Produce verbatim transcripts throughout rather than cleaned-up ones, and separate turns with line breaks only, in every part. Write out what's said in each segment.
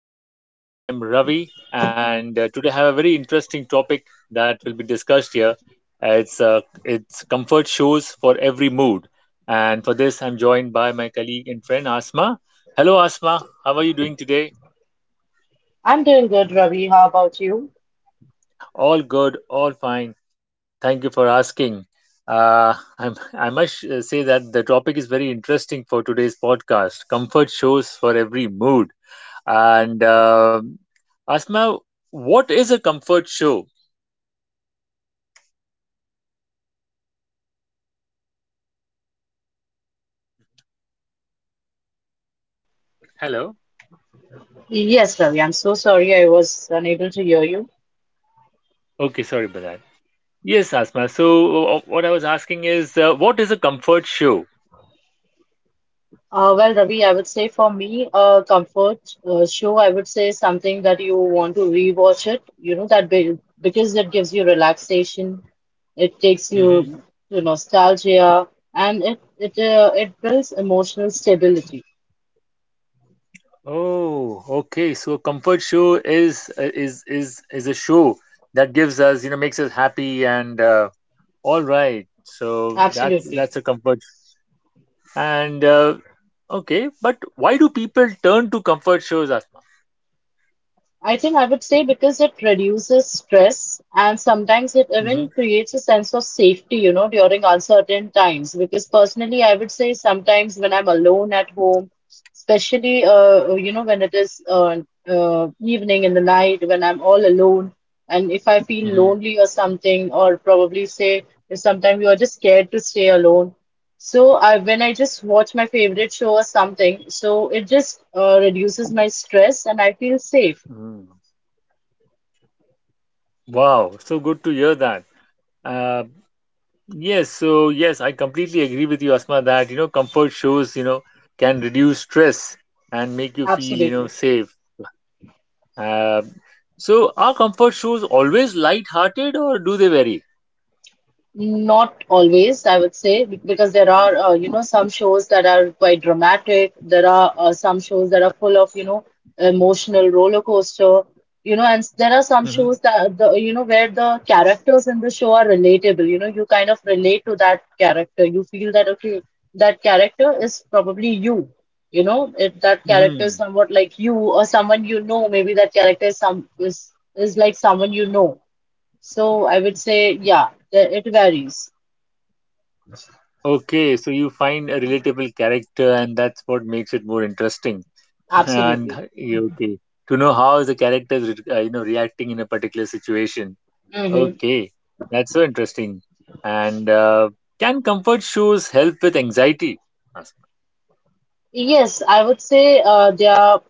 podcast. I am Ravi, and uh, today I have a very interesting topic that will be discussed here. Uh, it's uh, it's comfort shows for every mood, and for this I'm joined by my colleague and friend Asma. Hello, Asma. How are you doing today? All good, all fine. Thank you for asking. Uh, I'm, I must uh, say that the topic is very interesting for today's podcast. Comfort shows for every mood. And um Asma, what is a comfort show? Hello.
Yes, Ravi, I'm so sorry I was unable to hear you.
Okay, sorry about that. Yes, Asma. So uh, what I was asking is, uh, what is a comfort show?
Uh, well, Ravi, I would say for me, a comfort uh, show, I would say something that you want to rewatch it, you know, that be because it gives you relaxation, it takes
Hmm.
you to nostalgia, and it it uh, it builds emotional stability.
Oh, okay. So a comfort show is uh, is is is a show that gives us, you know, makes us happy and uh, all right. So that's
Absolutely.
that's a comfort. And uh, Okay, but why do people turn to comfort shows, Asma?
I think I would say because it reduces stress and sometimes it
Hmm.
even creates a sense of safety, you know, during uncertain times. Because personally, I would say sometimes when I'm alone at home, especially, uh, you know, when it is uh, uh, evening in the night, when I'm all alone, and if I feel
Hmm.
lonely or something, or probably say sometimes you are just scared to stay alone. So I, when I just watch my favorite show or something, so it just uh, reduces my stress and I feel safe.
Hmm. Wow, so good to hear that. Uh, yes, so yes, I completely agree with you, Asma, that you know comfort shows you know can reduce stress and make you feel you know
Absolutely.
safe. Uh, so are comfort shows always light-hearted, or do they vary?
Not always, I would say, be- because there are, uh, you know, some shows that are quite dramatic. There are uh, some shows that are full of, you know, emotional roller coaster, you know, and s- there are some
Hmm.
shows that, the, you know, where the characters in the show are relatable. You know, you kind of relate to that character. You feel that, okay, that character is probably you. You know, if that character is
Hmm.
somewhat like you or someone you know, maybe that character is some is is like someone you know. So I would say, yeah, the- it varies.
Okay, so you find a relatable character, and that's what makes it more interesting. And
Absolutely.
yeah, okay, to know how the character is re- uh, you know reacting in a particular situation.
Hmm.
Okay, that's so interesting. And uh, can comfort shows help with anxiety?
Yes, I would say uh, they are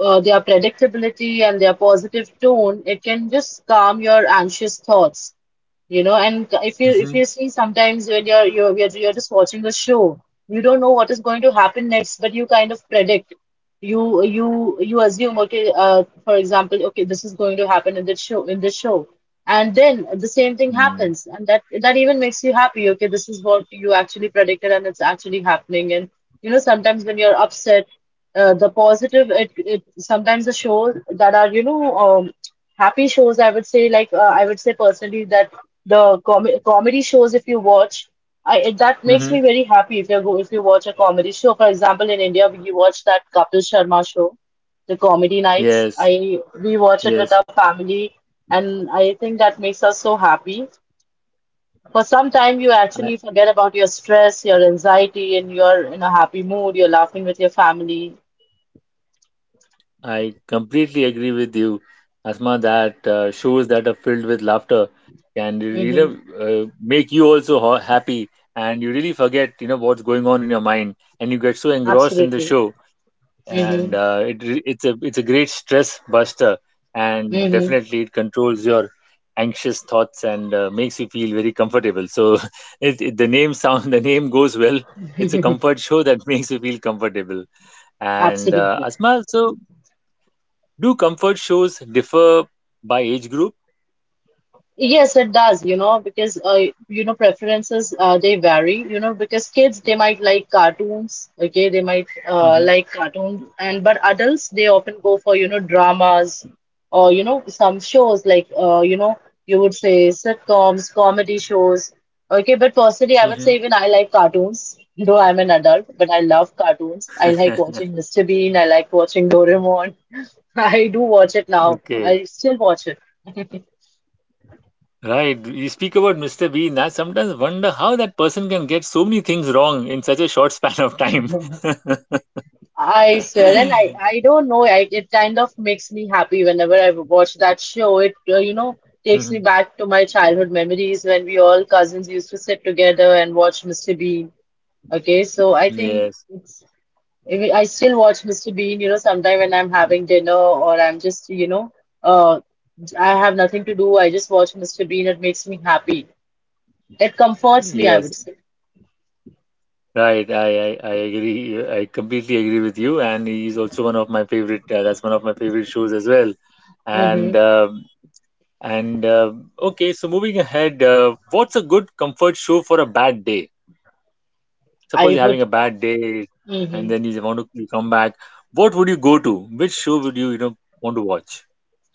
uh, their predictability and their positive tone, it can just calm your anxious thoughts, you know. And if you if
Mm-hmm.
you see sometimes when you're you're you're, you're just watching a show, you don't know what is going to happen next, but you kind of predict. You you you assume okay, uh, for example, okay, this is going to happen in this show in this show, and then the same thing happens, and that that even makes you happy. Okay, this is what you actually predicted, and it's actually happening, and you know sometimes when you're upset uh, the positive it, it sometimes the shows that are you know um, happy shows I would say like uh, I would say personally that the com comedy shows if you watch I it, that makes
Mm-hmm.
me very happy if you go if you watch a comedy show, for example, in India we watch that Kapil Sharma show, the comedy nights,
Yes,
I we watch it with
yes,
our family, and I think that makes us so happy. For some time you
I,
actually forget about your stress, your anxiety, and you're in a happy mood, you're laughing with your family.
I completely agree with you, Asma, that uh, shows that are filled with laughter can really
Mm-hmm.
uh, make you also ho- happy, and you really forget you know what's going on in your mind, and you get so engrossed in the
Absolutely.
show. And
Mm-hmm.
uh, it re- it's a it's a great stress buster, and
Mm-hmm.
definitely it controls your anxious thoughts and uh, makes you feel very comfortable. So it, it the name sound the name goes well. It's a comfort show that makes you feel comfortable. And uh,
Absolutely.
Asma, so do comfort shows differ by age group?
Yes, it does, you know, because uh, you know, preferences uh, they vary, you know, because kids they might like cartoons, okay, they might uh,
Hmm.
like cartoons, and but adults they often go for, you know, dramas or you know, some shows like uh, you know, you would say sitcoms, comedy shows. Okay, but personally I would
Hmm.
say even I like cartoons, though I'm an adult, but I love cartoons. I like watching mister Bean, I like watching Doraemon. I do watch it now.
Okay.
I still watch it.
Right, you speak about Mr. Bean. I sometimes wonder how that person can get so many things wrong in such a short span of time.
I swear, and I I don't know. I it kind of makes me happy whenever I watch that show. It uh, You know, takes me
Mhm.
back to my childhood memories when we all cousins used to sit together and watch mister Bean. Okay, so I think
Yes,
it's, I mean, I still watch mister Bean. You know, sometime when I'm having dinner or I'm just you know uh I have nothing to do. I just watch mister Bean. It makes me happy. It comforts me, I
yes,
would say.
right. I, I, I agree. I completely agree with you. And he's also one of my favorite. Uh, that's one of my favorite shows as well. And
Mm-hmm.
um, and uh, okay. So moving ahead, uh, what's a good comfort show for a bad day? Suppose
I
you're having
would.
a bad day, and
Mm-hmm.
then you want to you come back. What would you go to? Which show would you you know want to watch?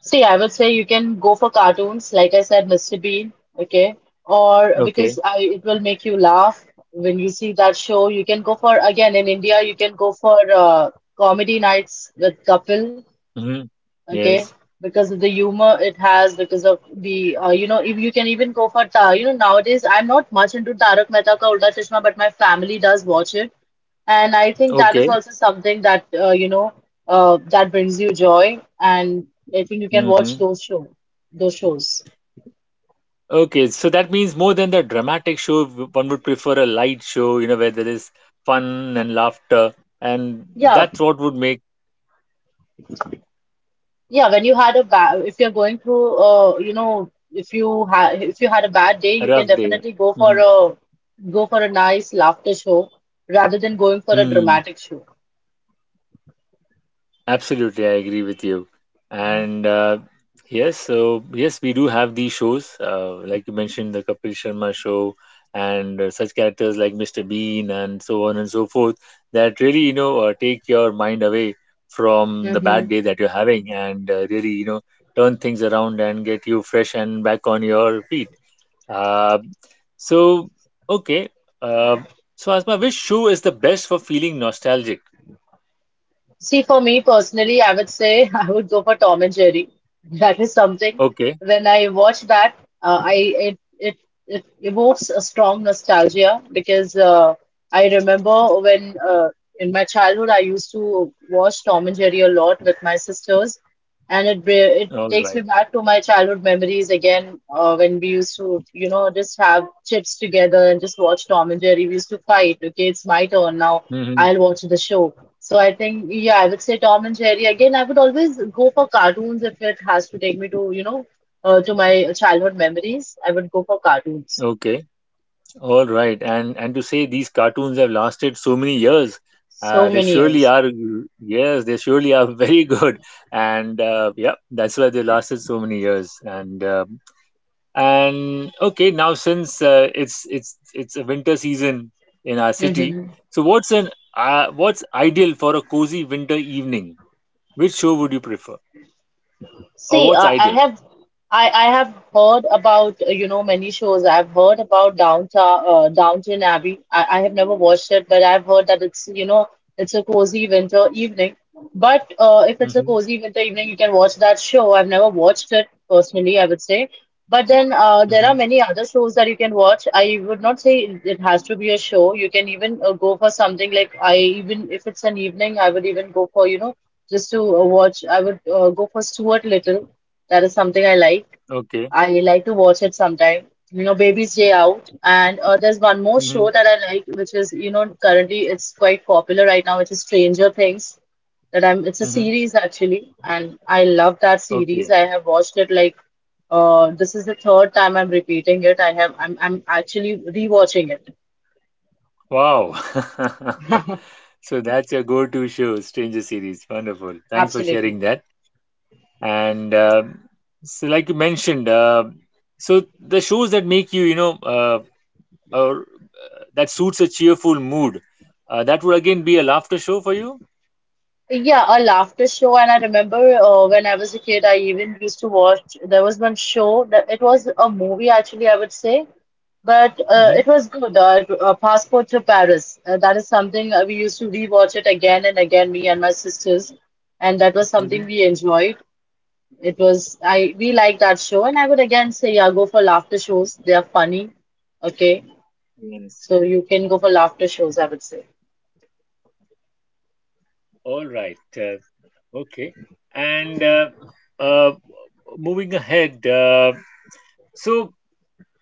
See, I would say you can go for cartoons, like I said, mister Bean, okay? Or
Okay.
because I, it will make you laugh when you see that show. You can go for, again, in India, you can go for uh, comedy nights with Kapil,
Hmm.
okay?
Yes.
Because of the humor it has, because of the, uh, you know, if you can even go for, ta you know, nowadays I'm not much into Tarak Mehta Ka Ulta Chashma, but my family does watch it. And I think that is
Okay.
also something that, uh, you know, uh, that brings you joy. And I think you can watch
Hmm.
those show, those shows.
Okay, so that means more than the dramatic show, w- one would prefer a light show, you know, where there is fun and laughter, and
Yeah,
that's what would make
yeah. When you had a bad, If you're going through, uh, you know, if you had, if you had a bad day,
a
you can
rough day.
definitely go for
Mm-hmm.
a, go for a nice laughter show rather than going for a
Hmm.
dramatic show.
Absolutely, I agree with you. And uh, yes, so yes, we do have these shows, uh, like you mentioned, the Kapil Sharma show, and uh, such characters like Mister Bean and so on and so forth that really, you know, uh, take your mind away from the
Hmm.
bad day that you're having, and uh, really, you know, turn things around and get you fresh and back on your feet. Uh, so, okay. Uh, so, Asma, which shoe is the best for feeling nostalgic?
See, for me personally, I would say I would go for Tom and Jerry. That is something.
Okay,
When I watch that, uh, I it, it it evokes a strong nostalgia because uh, I remember when uh, in my childhood I used to watch Tom and Jerry a lot with my sisters, and it br- it
all
takes me
right.
back to my childhood memories again uh, when we used to you know just have chips together and just watch Tom and Jerry. We used to fight. Okay, it's my turn now.
Mm-hmm.
I'll watch the show. So I think, yeah, I would say Tom and Jerry. Again, I would always go for cartoons if it has to take me to, you know, uh, to my childhood memories. I would go for cartoons.
Okay, all right, and and to say these cartoons have lasted so many years, uh,
So
they
many
surely
years.
are. Yes, they surely are very good, and uh, yeah, that's why they lasted so many years. And uh, and okay, now since uh, it's it's it's a winter season in our city,
Mm-hmm.
so what's an uh, what's ideal for a cozy winter evening? Which show would you prefer, or
See,
what's
I, I
ideal?
have I, I have heard about uh, you know, many shows. I've heard about Downtown uh, Downton Abbey. I, I have never watched it, but I've heard that it's you know it's a cozy winter evening. But uh, if it's a
Mm-hmm.
cozy winter evening, you can watch that show. I've never watched it personally, I would say. But then uh, there are
Mm-hmm.
many other shows that you can watch. I would not say it it has to be a show. You can even uh, go for something like I even if it's an evening, I would even go for you know just to uh, watch. I would uh, go for Stuart Little. That is something I like.
Okay.
I like to watch it sometime. You know, Baby's Day Out. And uh, there's one more
Mm-hmm.
show that I like, which is, you know, currently it's quite popular right now, which is Stranger Things. That I'm, it's a
Mm-hmm.
series actually, and I love that series.
Okay.
I have watched it like, uh, this is the third time I'm repeating it. I have, I'm, I'm actually rewatching it.
Wow. So that's your go-to show, Stranger Series. Wonderful. Thanks for
Absolutely.
sharing that. And um so, like you mentioned, uh, so the shows that make you, you know, uh, or uh, that suits a cheerful mood, uh, that would again be a laughter show for you.
Yeah, a laughter show, and I remember uh, when I was a kid, I even used to watch. There was one show that it was a movie, actually, I would say, but uh,
Mm-hmm.
it was good. Uh, it- uh, Passport to Paris. Uh, that is something uh, we used to rewatch it again and again, me and my sisters, and that was something
Mm-hmm.
we enjoyed. It was I We liked that show, and I would again say, yeah, go for laughter shows. They are funny. Okay, so you can go for laughter shows, I would say.
All right. Uh, okay. And uh, uh, moving ahead, uh, so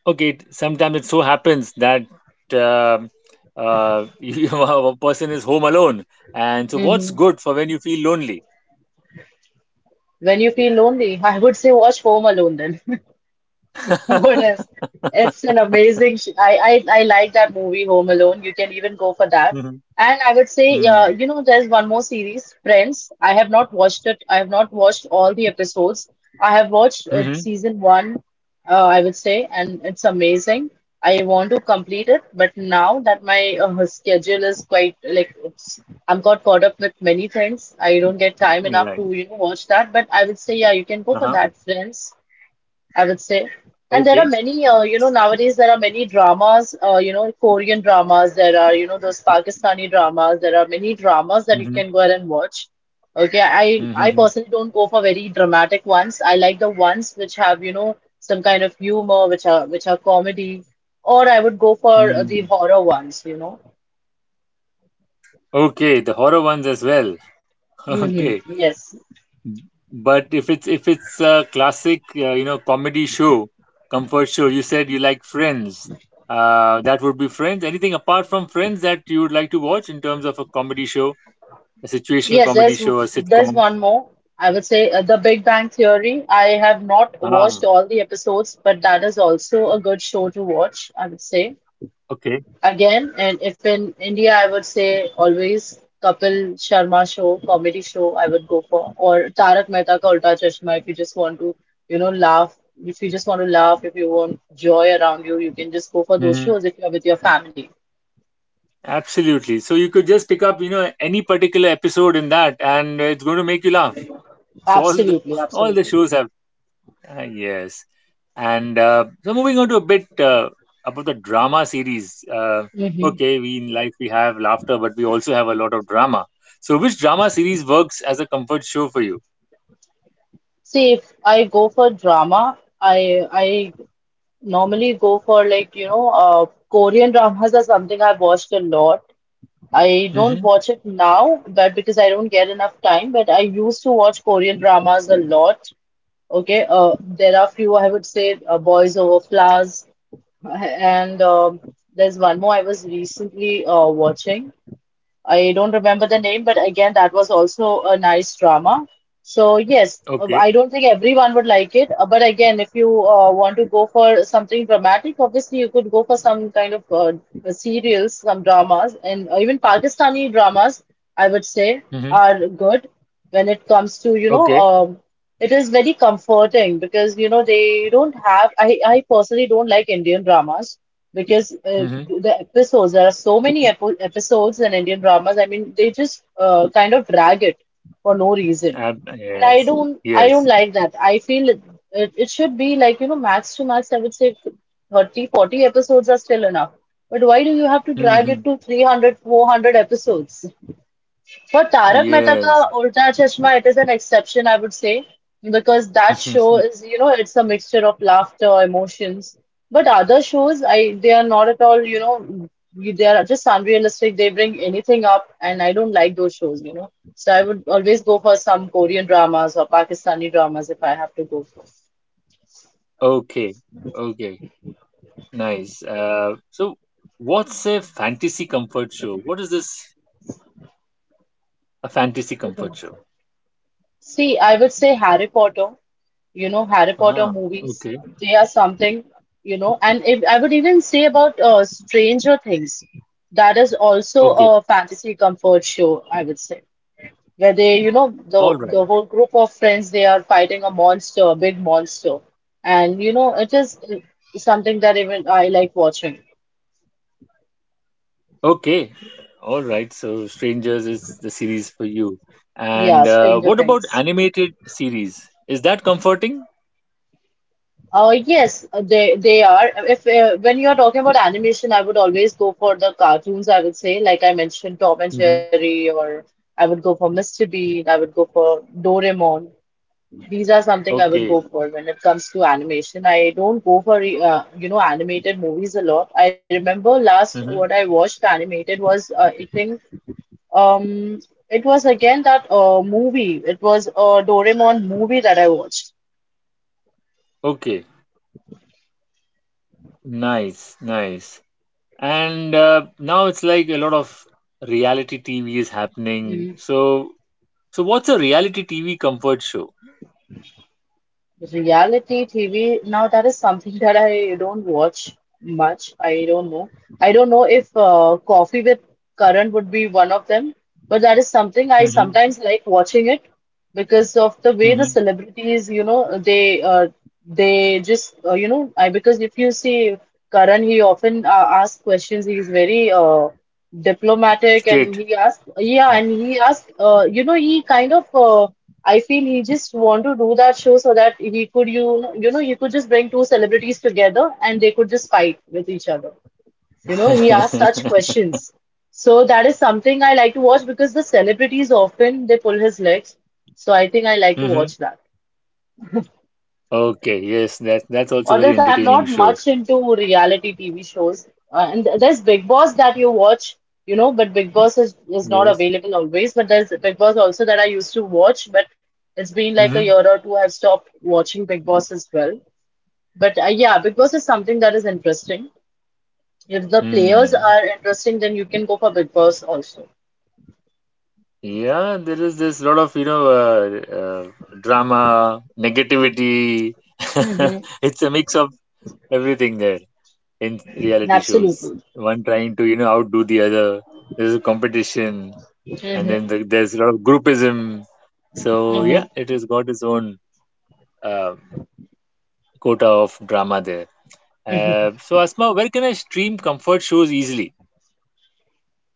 okay, it, sometimes it so happens that um uh, you, a person is home alone, and so what's
Hmm.
good for when you feel lonely?
When you feel lonely, I would say watch Home Alone then. What is? It's an amazing. Sh I, I I like that movie Home Alone. You can even go for that.
Mm-hmm.
And I would say, uh, you know, there's one more series, Friends. I have not watched it. I have not watched all the episodes. I have watched uh,
Mm-hmm.
season one, uh, I would say, and it's amazing. I want to complete it, but now that my uh, schedule is quite like it's, I'm got caught up with many things. I don't get time enough
Right.
to you know watch that. But I would say, yeah, you can go for
Uh-huh.
that, Friends, I would say. And there are
Okay.
many, uh, you know, nowadays there are many dramas, uh, you know, Korean dramas, there are, you know, those Pakistani dramas, there are many dramas that you
Mm-hmm.
can go ahead and watch. Okay, I I
Mm-hmm.
personally don't go for very dramatic ones. I like the ones which have, you know, some kind of humor, which are which are comedy, or I would go for uh, the
Mm.
horror ones, you know.
Okay, the horror ones as well.
Mm-hmm.
Okay.
Yes.
But if it's if it's a classic, uh, you know, comedy show, comfort show, you said you like Friends. Uh, that would be Friends. Anything apart from Friends that you would like to watch in terms of a comedy show, a situational
Yes,
comedy
there's
show, a
there's
sitcom?
one more. I would say uh, The Big Bang Theory. I have not watched
Ah,
all the episodes, but that is also a good show to watch, I would say.
okay.
Again, and if in India, I would say always Kapil Sharma show, comedy show I would go for, or Tarak Mehta Ka Ulta Chashma if you just want to, you know, laugh. If you just want to laugh, if you want joy around you, you can just go for those
Hmm.
shows if you're with your family.
Absolutely. So you could just pick up, you know, any particular episode in that, and it's going to make you laugh. So all the
Absolutely,
all the
absolutely.
shows have. Uh, yes. And uh, so moving on to a bit uh, about the drama series. Uh,
Mhm.
okay, we in life we have laughter, but we also have a lot of drama. So which drama series works as a comfort show for you?
See, if I go for drama, I I normally go for like, you know, uh, Korean dramas are something I've watched a lot. I don't
Mm-hmm.
watch it now, but because I don't get enough time, but I used to watch Korean dramas a lot. Okay, uh, there are few I would say uh, Boys Over Flowers, and um, there's one more I was recently uh, watching. I don't remember the name, but again, that was also a nice drama. So, yes,
Okay.
I don't think everyone would like it. uh, But again, if you uh, want to go for something dramatic, obviously you could go for some kind of uh, serials, some dramas, and uh, even Pakistani dramas. I would say,
Mm-hmm.
are good when it comes to, you know,
Okay.
um, it is very comforting because, you know, they don't have. I, I personally don't like Indian dramas because uh,
Mm-hmm.
the episodes, there are so many epo episodes in Indian dramas. I mean, they just uh, kind of drag it for no reason.
Uh,
And I
yes.
don't, I don't
Yes.
like that. I feel it, it, it should be like, you know, max to max, I would say thirty forty episodes are still enough. But why do you have to drag
Mm-hmm.
it to three hundred four hundred episodes? For Tarak Mehta Ka
Yes.
Ulta Chashma, it is an exception, I would say, because that show is, you know, it's a mixture of laughter, emotions. But other shows, I they are not at all, you know, they are just unrealistic. They bring anything up, and I don't like those shows, you know. So I would always go for some Korean dramas or Pakistani dramas if I have to go.
Okay. Okay. Nice. Uh, so what's a fantasy comfort show? What is this? A fantasy comfort show.
See, I would say Harry Potter, you know, Harry Potter
Ah,
movies,
okay.
they are something, you know, and if I would even say about uh, Stranger Things, that is also a fantasy comfort show, I would say, where they, you know, the
All right.
the whole group of friends, they are fighting a monster, a big monster, and you know, it is uh, something that even I like watching.
Okay. All right. So, Strangers is the series for you.
Yeah,
And uh,
Stranger
what about
Things.
animated series? Is that comforting?
Uh, yes, uh, they they are. If uh, when you are talking about animation, I would always go for the cartoons. I would say, like I mentioned, Tom and
Hmm.
Jerry, or I would go for mister Bean. I would go for Doraemon. These are something I would go
Okay.
for when it comes to animation. I don't go for uh, you know animated movies a lot. I remember last what I
Hmm.
watched animated was uh, I think um it was again that uh, movie. It was a Doraemon movie that I watched.
Okay. Nice. Nice. And uh, now it's like a lot of reality T V is happening. So, so what's a reality T V comfort show?
Reality T V, now that is something that I don't watch much. I don't know. I don't know if uh, Coffee with Karan would be one of them, but that is something I
Hmm.
sometimes like watching it because of the way the
Hmm.
celebrities, you know, they uh, they just uh, you know, I because if you see Karan, he often uh, asks questions. He's very uh, diplomatic,
Straight.
and he asked, yeah, and he asked, uh, you know, he kind of uh, I feel he just want to do that show so that he could, you know, you know, he could just bring two celebrities together and they could just fight with each other. You know, he asked such
Hmm.
questions, so that is something I like to watch because the celebrities often they pull his legs. So I think I like to watch that.
Okay. Yes. That that's also
Or
very
else I'm
entertaining
not
show.
much into reality T V shows. Uh, and th- there's Big Boss that you watch, you know, but Big Boss is, is not
Yes.
available always. But there's Big Boss also that I used to watch, but it's been like a
Hmm.
year or two I've stopped watching Big Boss as well. But uh, yeah, Big Boss is something that is interesting. If the players
Hmm.
are interesting, then you can go for Big Boss also.
Yeah, there is this lot of, you know, uh, uh, drama, negativity. It's a mix of everything there in reality shows.
Absolutely.
One trying to, you know, outdo the other. There's a competition, and then
Mm-hmm.
the, there's a lot of groupism. So yeah, it has got its own uh, quota of drama there. Uh, so Asma, where can I stream comfort shows easily?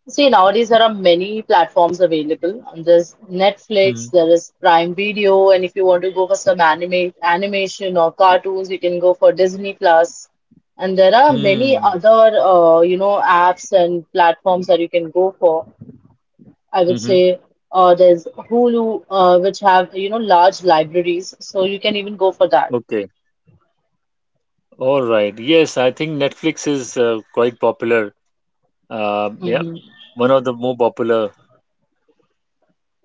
See, nowadays there are many platforms available. And there's
Mm-hmm.
Netflix, there is Prime Video, and if you want to go for some anime, animation or cartoons, you can go for Disney Plus. And there are many
Mm-hmm.
other, uh, you know, apps and platforms that you can go for. I would say uh, there's Hulu, uh, which have, you know, large libraries, so you can even go for that.
Okay. All right. Yes, I think Netflix is uh, quite popular. Uh, yeah,
Hmm.
one of the more popular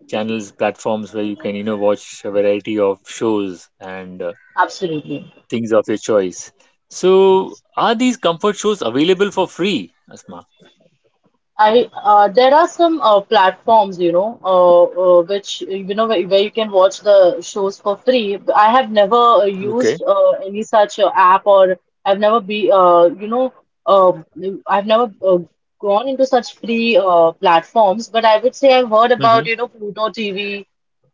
channels, platforms where you can, you know, watch a variety of shows and uh,
Absolutely.
things of your choice. So, are these comfort shows available for free, Asma?
I uh, there are some uh, platforms, you know, uh, uh, which you know where, where you can watch the shows for free. But I have never uh, used
Okay.
uh, any such uh, app, or I've never be uh, you know, uh, I've never uh, gone into such free uh, platforms. But I would say I've heard
Mm-hmm.
about, you know, Pluto T V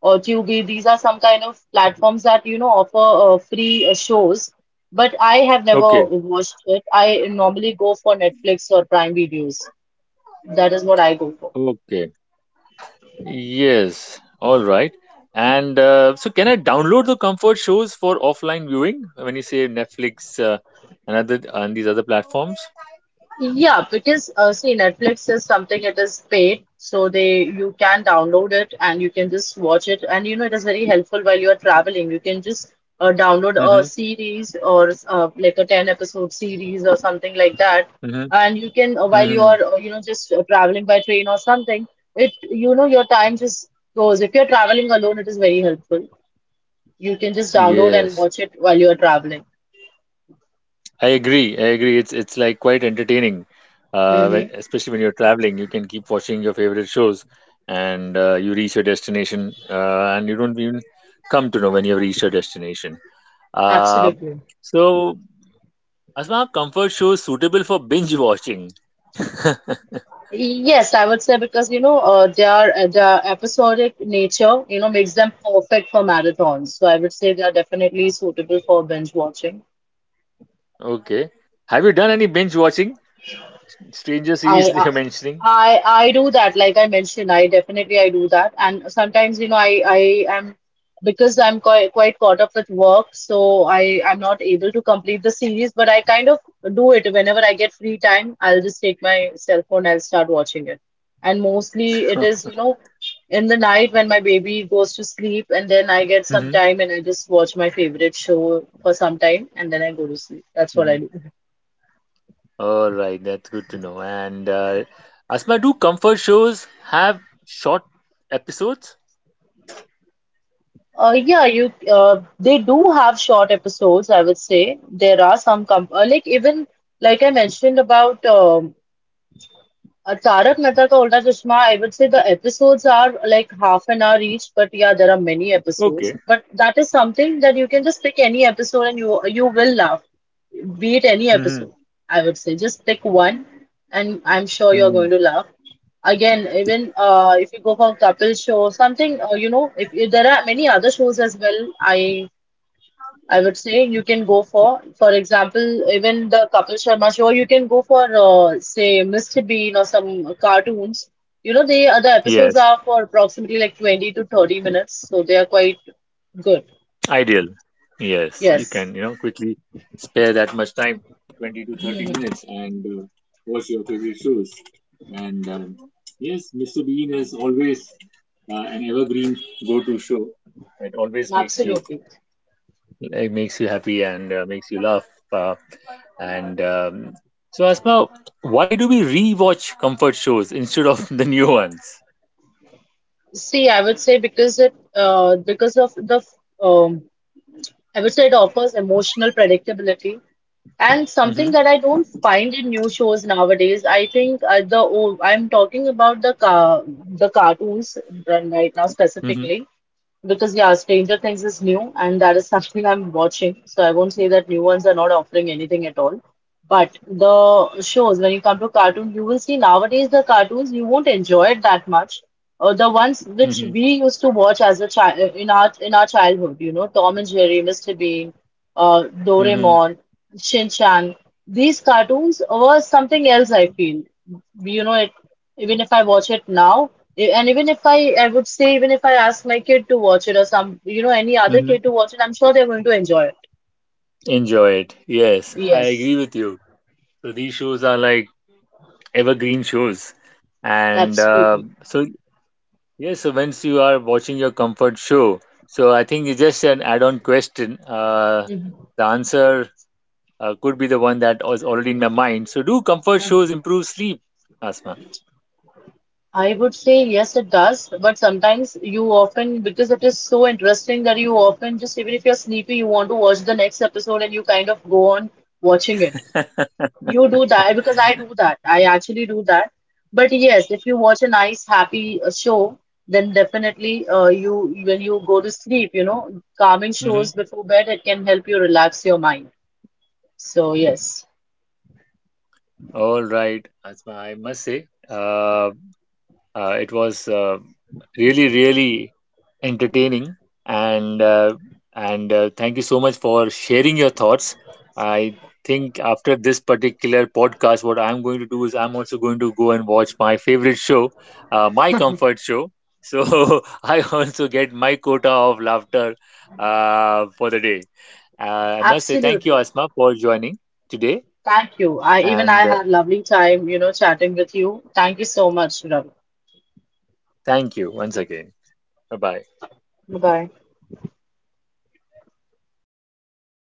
or Tubi. These are some kind of platforms that you know offer uh, free uh, shows. But I have never
Okay.
watched it. I normally go for Netflix or Prime videos. That is what I go for.
Okay. Yes. All right. And uh, so, can I download the comfort shows for offline viewing when you say Netflix uh, and other and these other platforms?
Yeah, because uh, see, Netflix is something it is paid, so they you can download it and you can just watch it, and you know it is very helpful while you are traveling. You can just uh, download a
Mm-hmm.
series or uh, like a ten episode series or something like that, and you can uh, while you
Mm-hmm.
are uh, you know just uh, traveling by train or something, it you know your time just goes. If you're traveling alone, it is very helpful. You can just download and
Yes,
watch it while you are traveling.
I agree. I agree. It's it's like quite entertaining, uh, when,
Mm-hmm.
especially when you're traveling. You can keep watching your favorite shows, and uh, you reach your destination, uh, and you don't even come to know when you've reached your destination. Uh,
Absolutely.
so, Asma, comfort shows suitable for binge watching.
Yes, I would say because you know uh, their their episodic nature, you know, makes them perfect for marathons. So I would say they are definitely suitable for binge watching.
Okay. Have you done any binge watching? Stranger
I
series that
uh,
you're mentioning?
I I do that, like I mentioned, I definitely I do that, and sometimes, you know, I I am, because I'm quite quite caught up with work, so I I'm not able to complete the series, but I kind of do it whenever I get free time. I'll just take my cell phone, I'll start watching it, and mostly it is, you know, in the night when my baby goes to sleep, and then I get some
Mhm.
time and I just watch my favorite show for some time, and then I go to sleep. That's what I do.
All right, that's good to know. And uh, Asma, do comfort shows have short episodes?
Uh, yeah, you uh, they do have short episodes, I would say. There are some com uh, like even like I mentioned about um uh, Tarak Mehta Ka Ulta Chashma, I would say the episodes are like half an hour each, but yeah, there are many episodes.
Okay.
But that is something that you can just pick any episode and you you will laugh, be it any
Hmm.
episode. I would say just pick one, and I'm sure you're
Hmm.
going to laugh. Again, even uh, if you go for couple show, something uh, you know, if, if there are many other shows as well, I I would say you can go for, for example, even the Kapil Sharma show, you can go for, uh, say, mister Bean or some cartoons. You know, they are the episodes
Yes,
are for approximately like twenty to thirty minutes, so they are quite good.
ideal. Yes, you
Yes,
can, you know, quickly spare that much time, twenty to thirty minutes, and uh, watch your favorite shows. And um, Yes, Mister Bean is always uh, an evergreen go-to show. It always makes you,
absolutely.
it makes you happy and uh, makes you laugh. Uh, And um, So, Asma, why do we rewatch comfort shows instead of the new ones?
See, I would say because it, uh, because of the, f- um, I would say it offers emotional predictability. And something
Hmm.
that I don't find in new shows nowadays, I think uh, the old, I'm talking about the car, the cartoons run right now
Hmm.
specifically. Because yeah, Stranger Things is new, and that is something I'm
Hmm.
watching. So I won't say that new ones are not offering anything at all. But the shows, when you come to cartoon, you will see nowadays the cartoons you won't enjoy it that much. Uh, the ones which
Hmm.
we used to watch as a child in our in our childhood, you know, Tom and Jerry, mister Bean, uh,
Hmm.
Doraemon, Shin Chan. These cartoons were something else, I feel. You know, it even if I watch it now, e- and even if I, I would say, even if I ask my kid to watch it or some, you know, any other
Hmm.
kid to watch it, I'm sure they're going to enjoy it.
Enjoy it. Yes, I agree
Yes,
with you. So these shows are like evergreen shows, and uh,
absolutely.
so yes, so once you are watching your comfort show, so I think it's just an add-on question. Uh,
Mhm.
the answer uh, could be the one that was already in my mind. So do comfort shows improve sleep, Asma?
I would say yes, it does, but sometimes you often, because it is so interesting that you often just, even if you're sleepy, you want to watch the next episode and you kind of go on watching it. You do that because I do that. I actually do that. But yes, if you watch a nice, happy uh, show, then definitely uh, you when you go to sleep, you know, calming shows before bed, it can help you relax your mind. So yes,
All right, Asma, I must say, uh, uh, it was uh, really, really entertaining, and uh, and uh, thank you so much for sharing your thoughts. I think after this particular podcast, what I'm going to do is I'm also going to go and watch my favorite show, uh, my comfort show. So I also get my quota of laughter uh, for the day. Uh, I must say thank you,
absolutely.
Asma, for joining today,
Thank you. I even I
and uh,
had lovely time, you know, chatting with you. Thank you so much, Ravi.
Thank you once again. Bye bye.
Bye bye.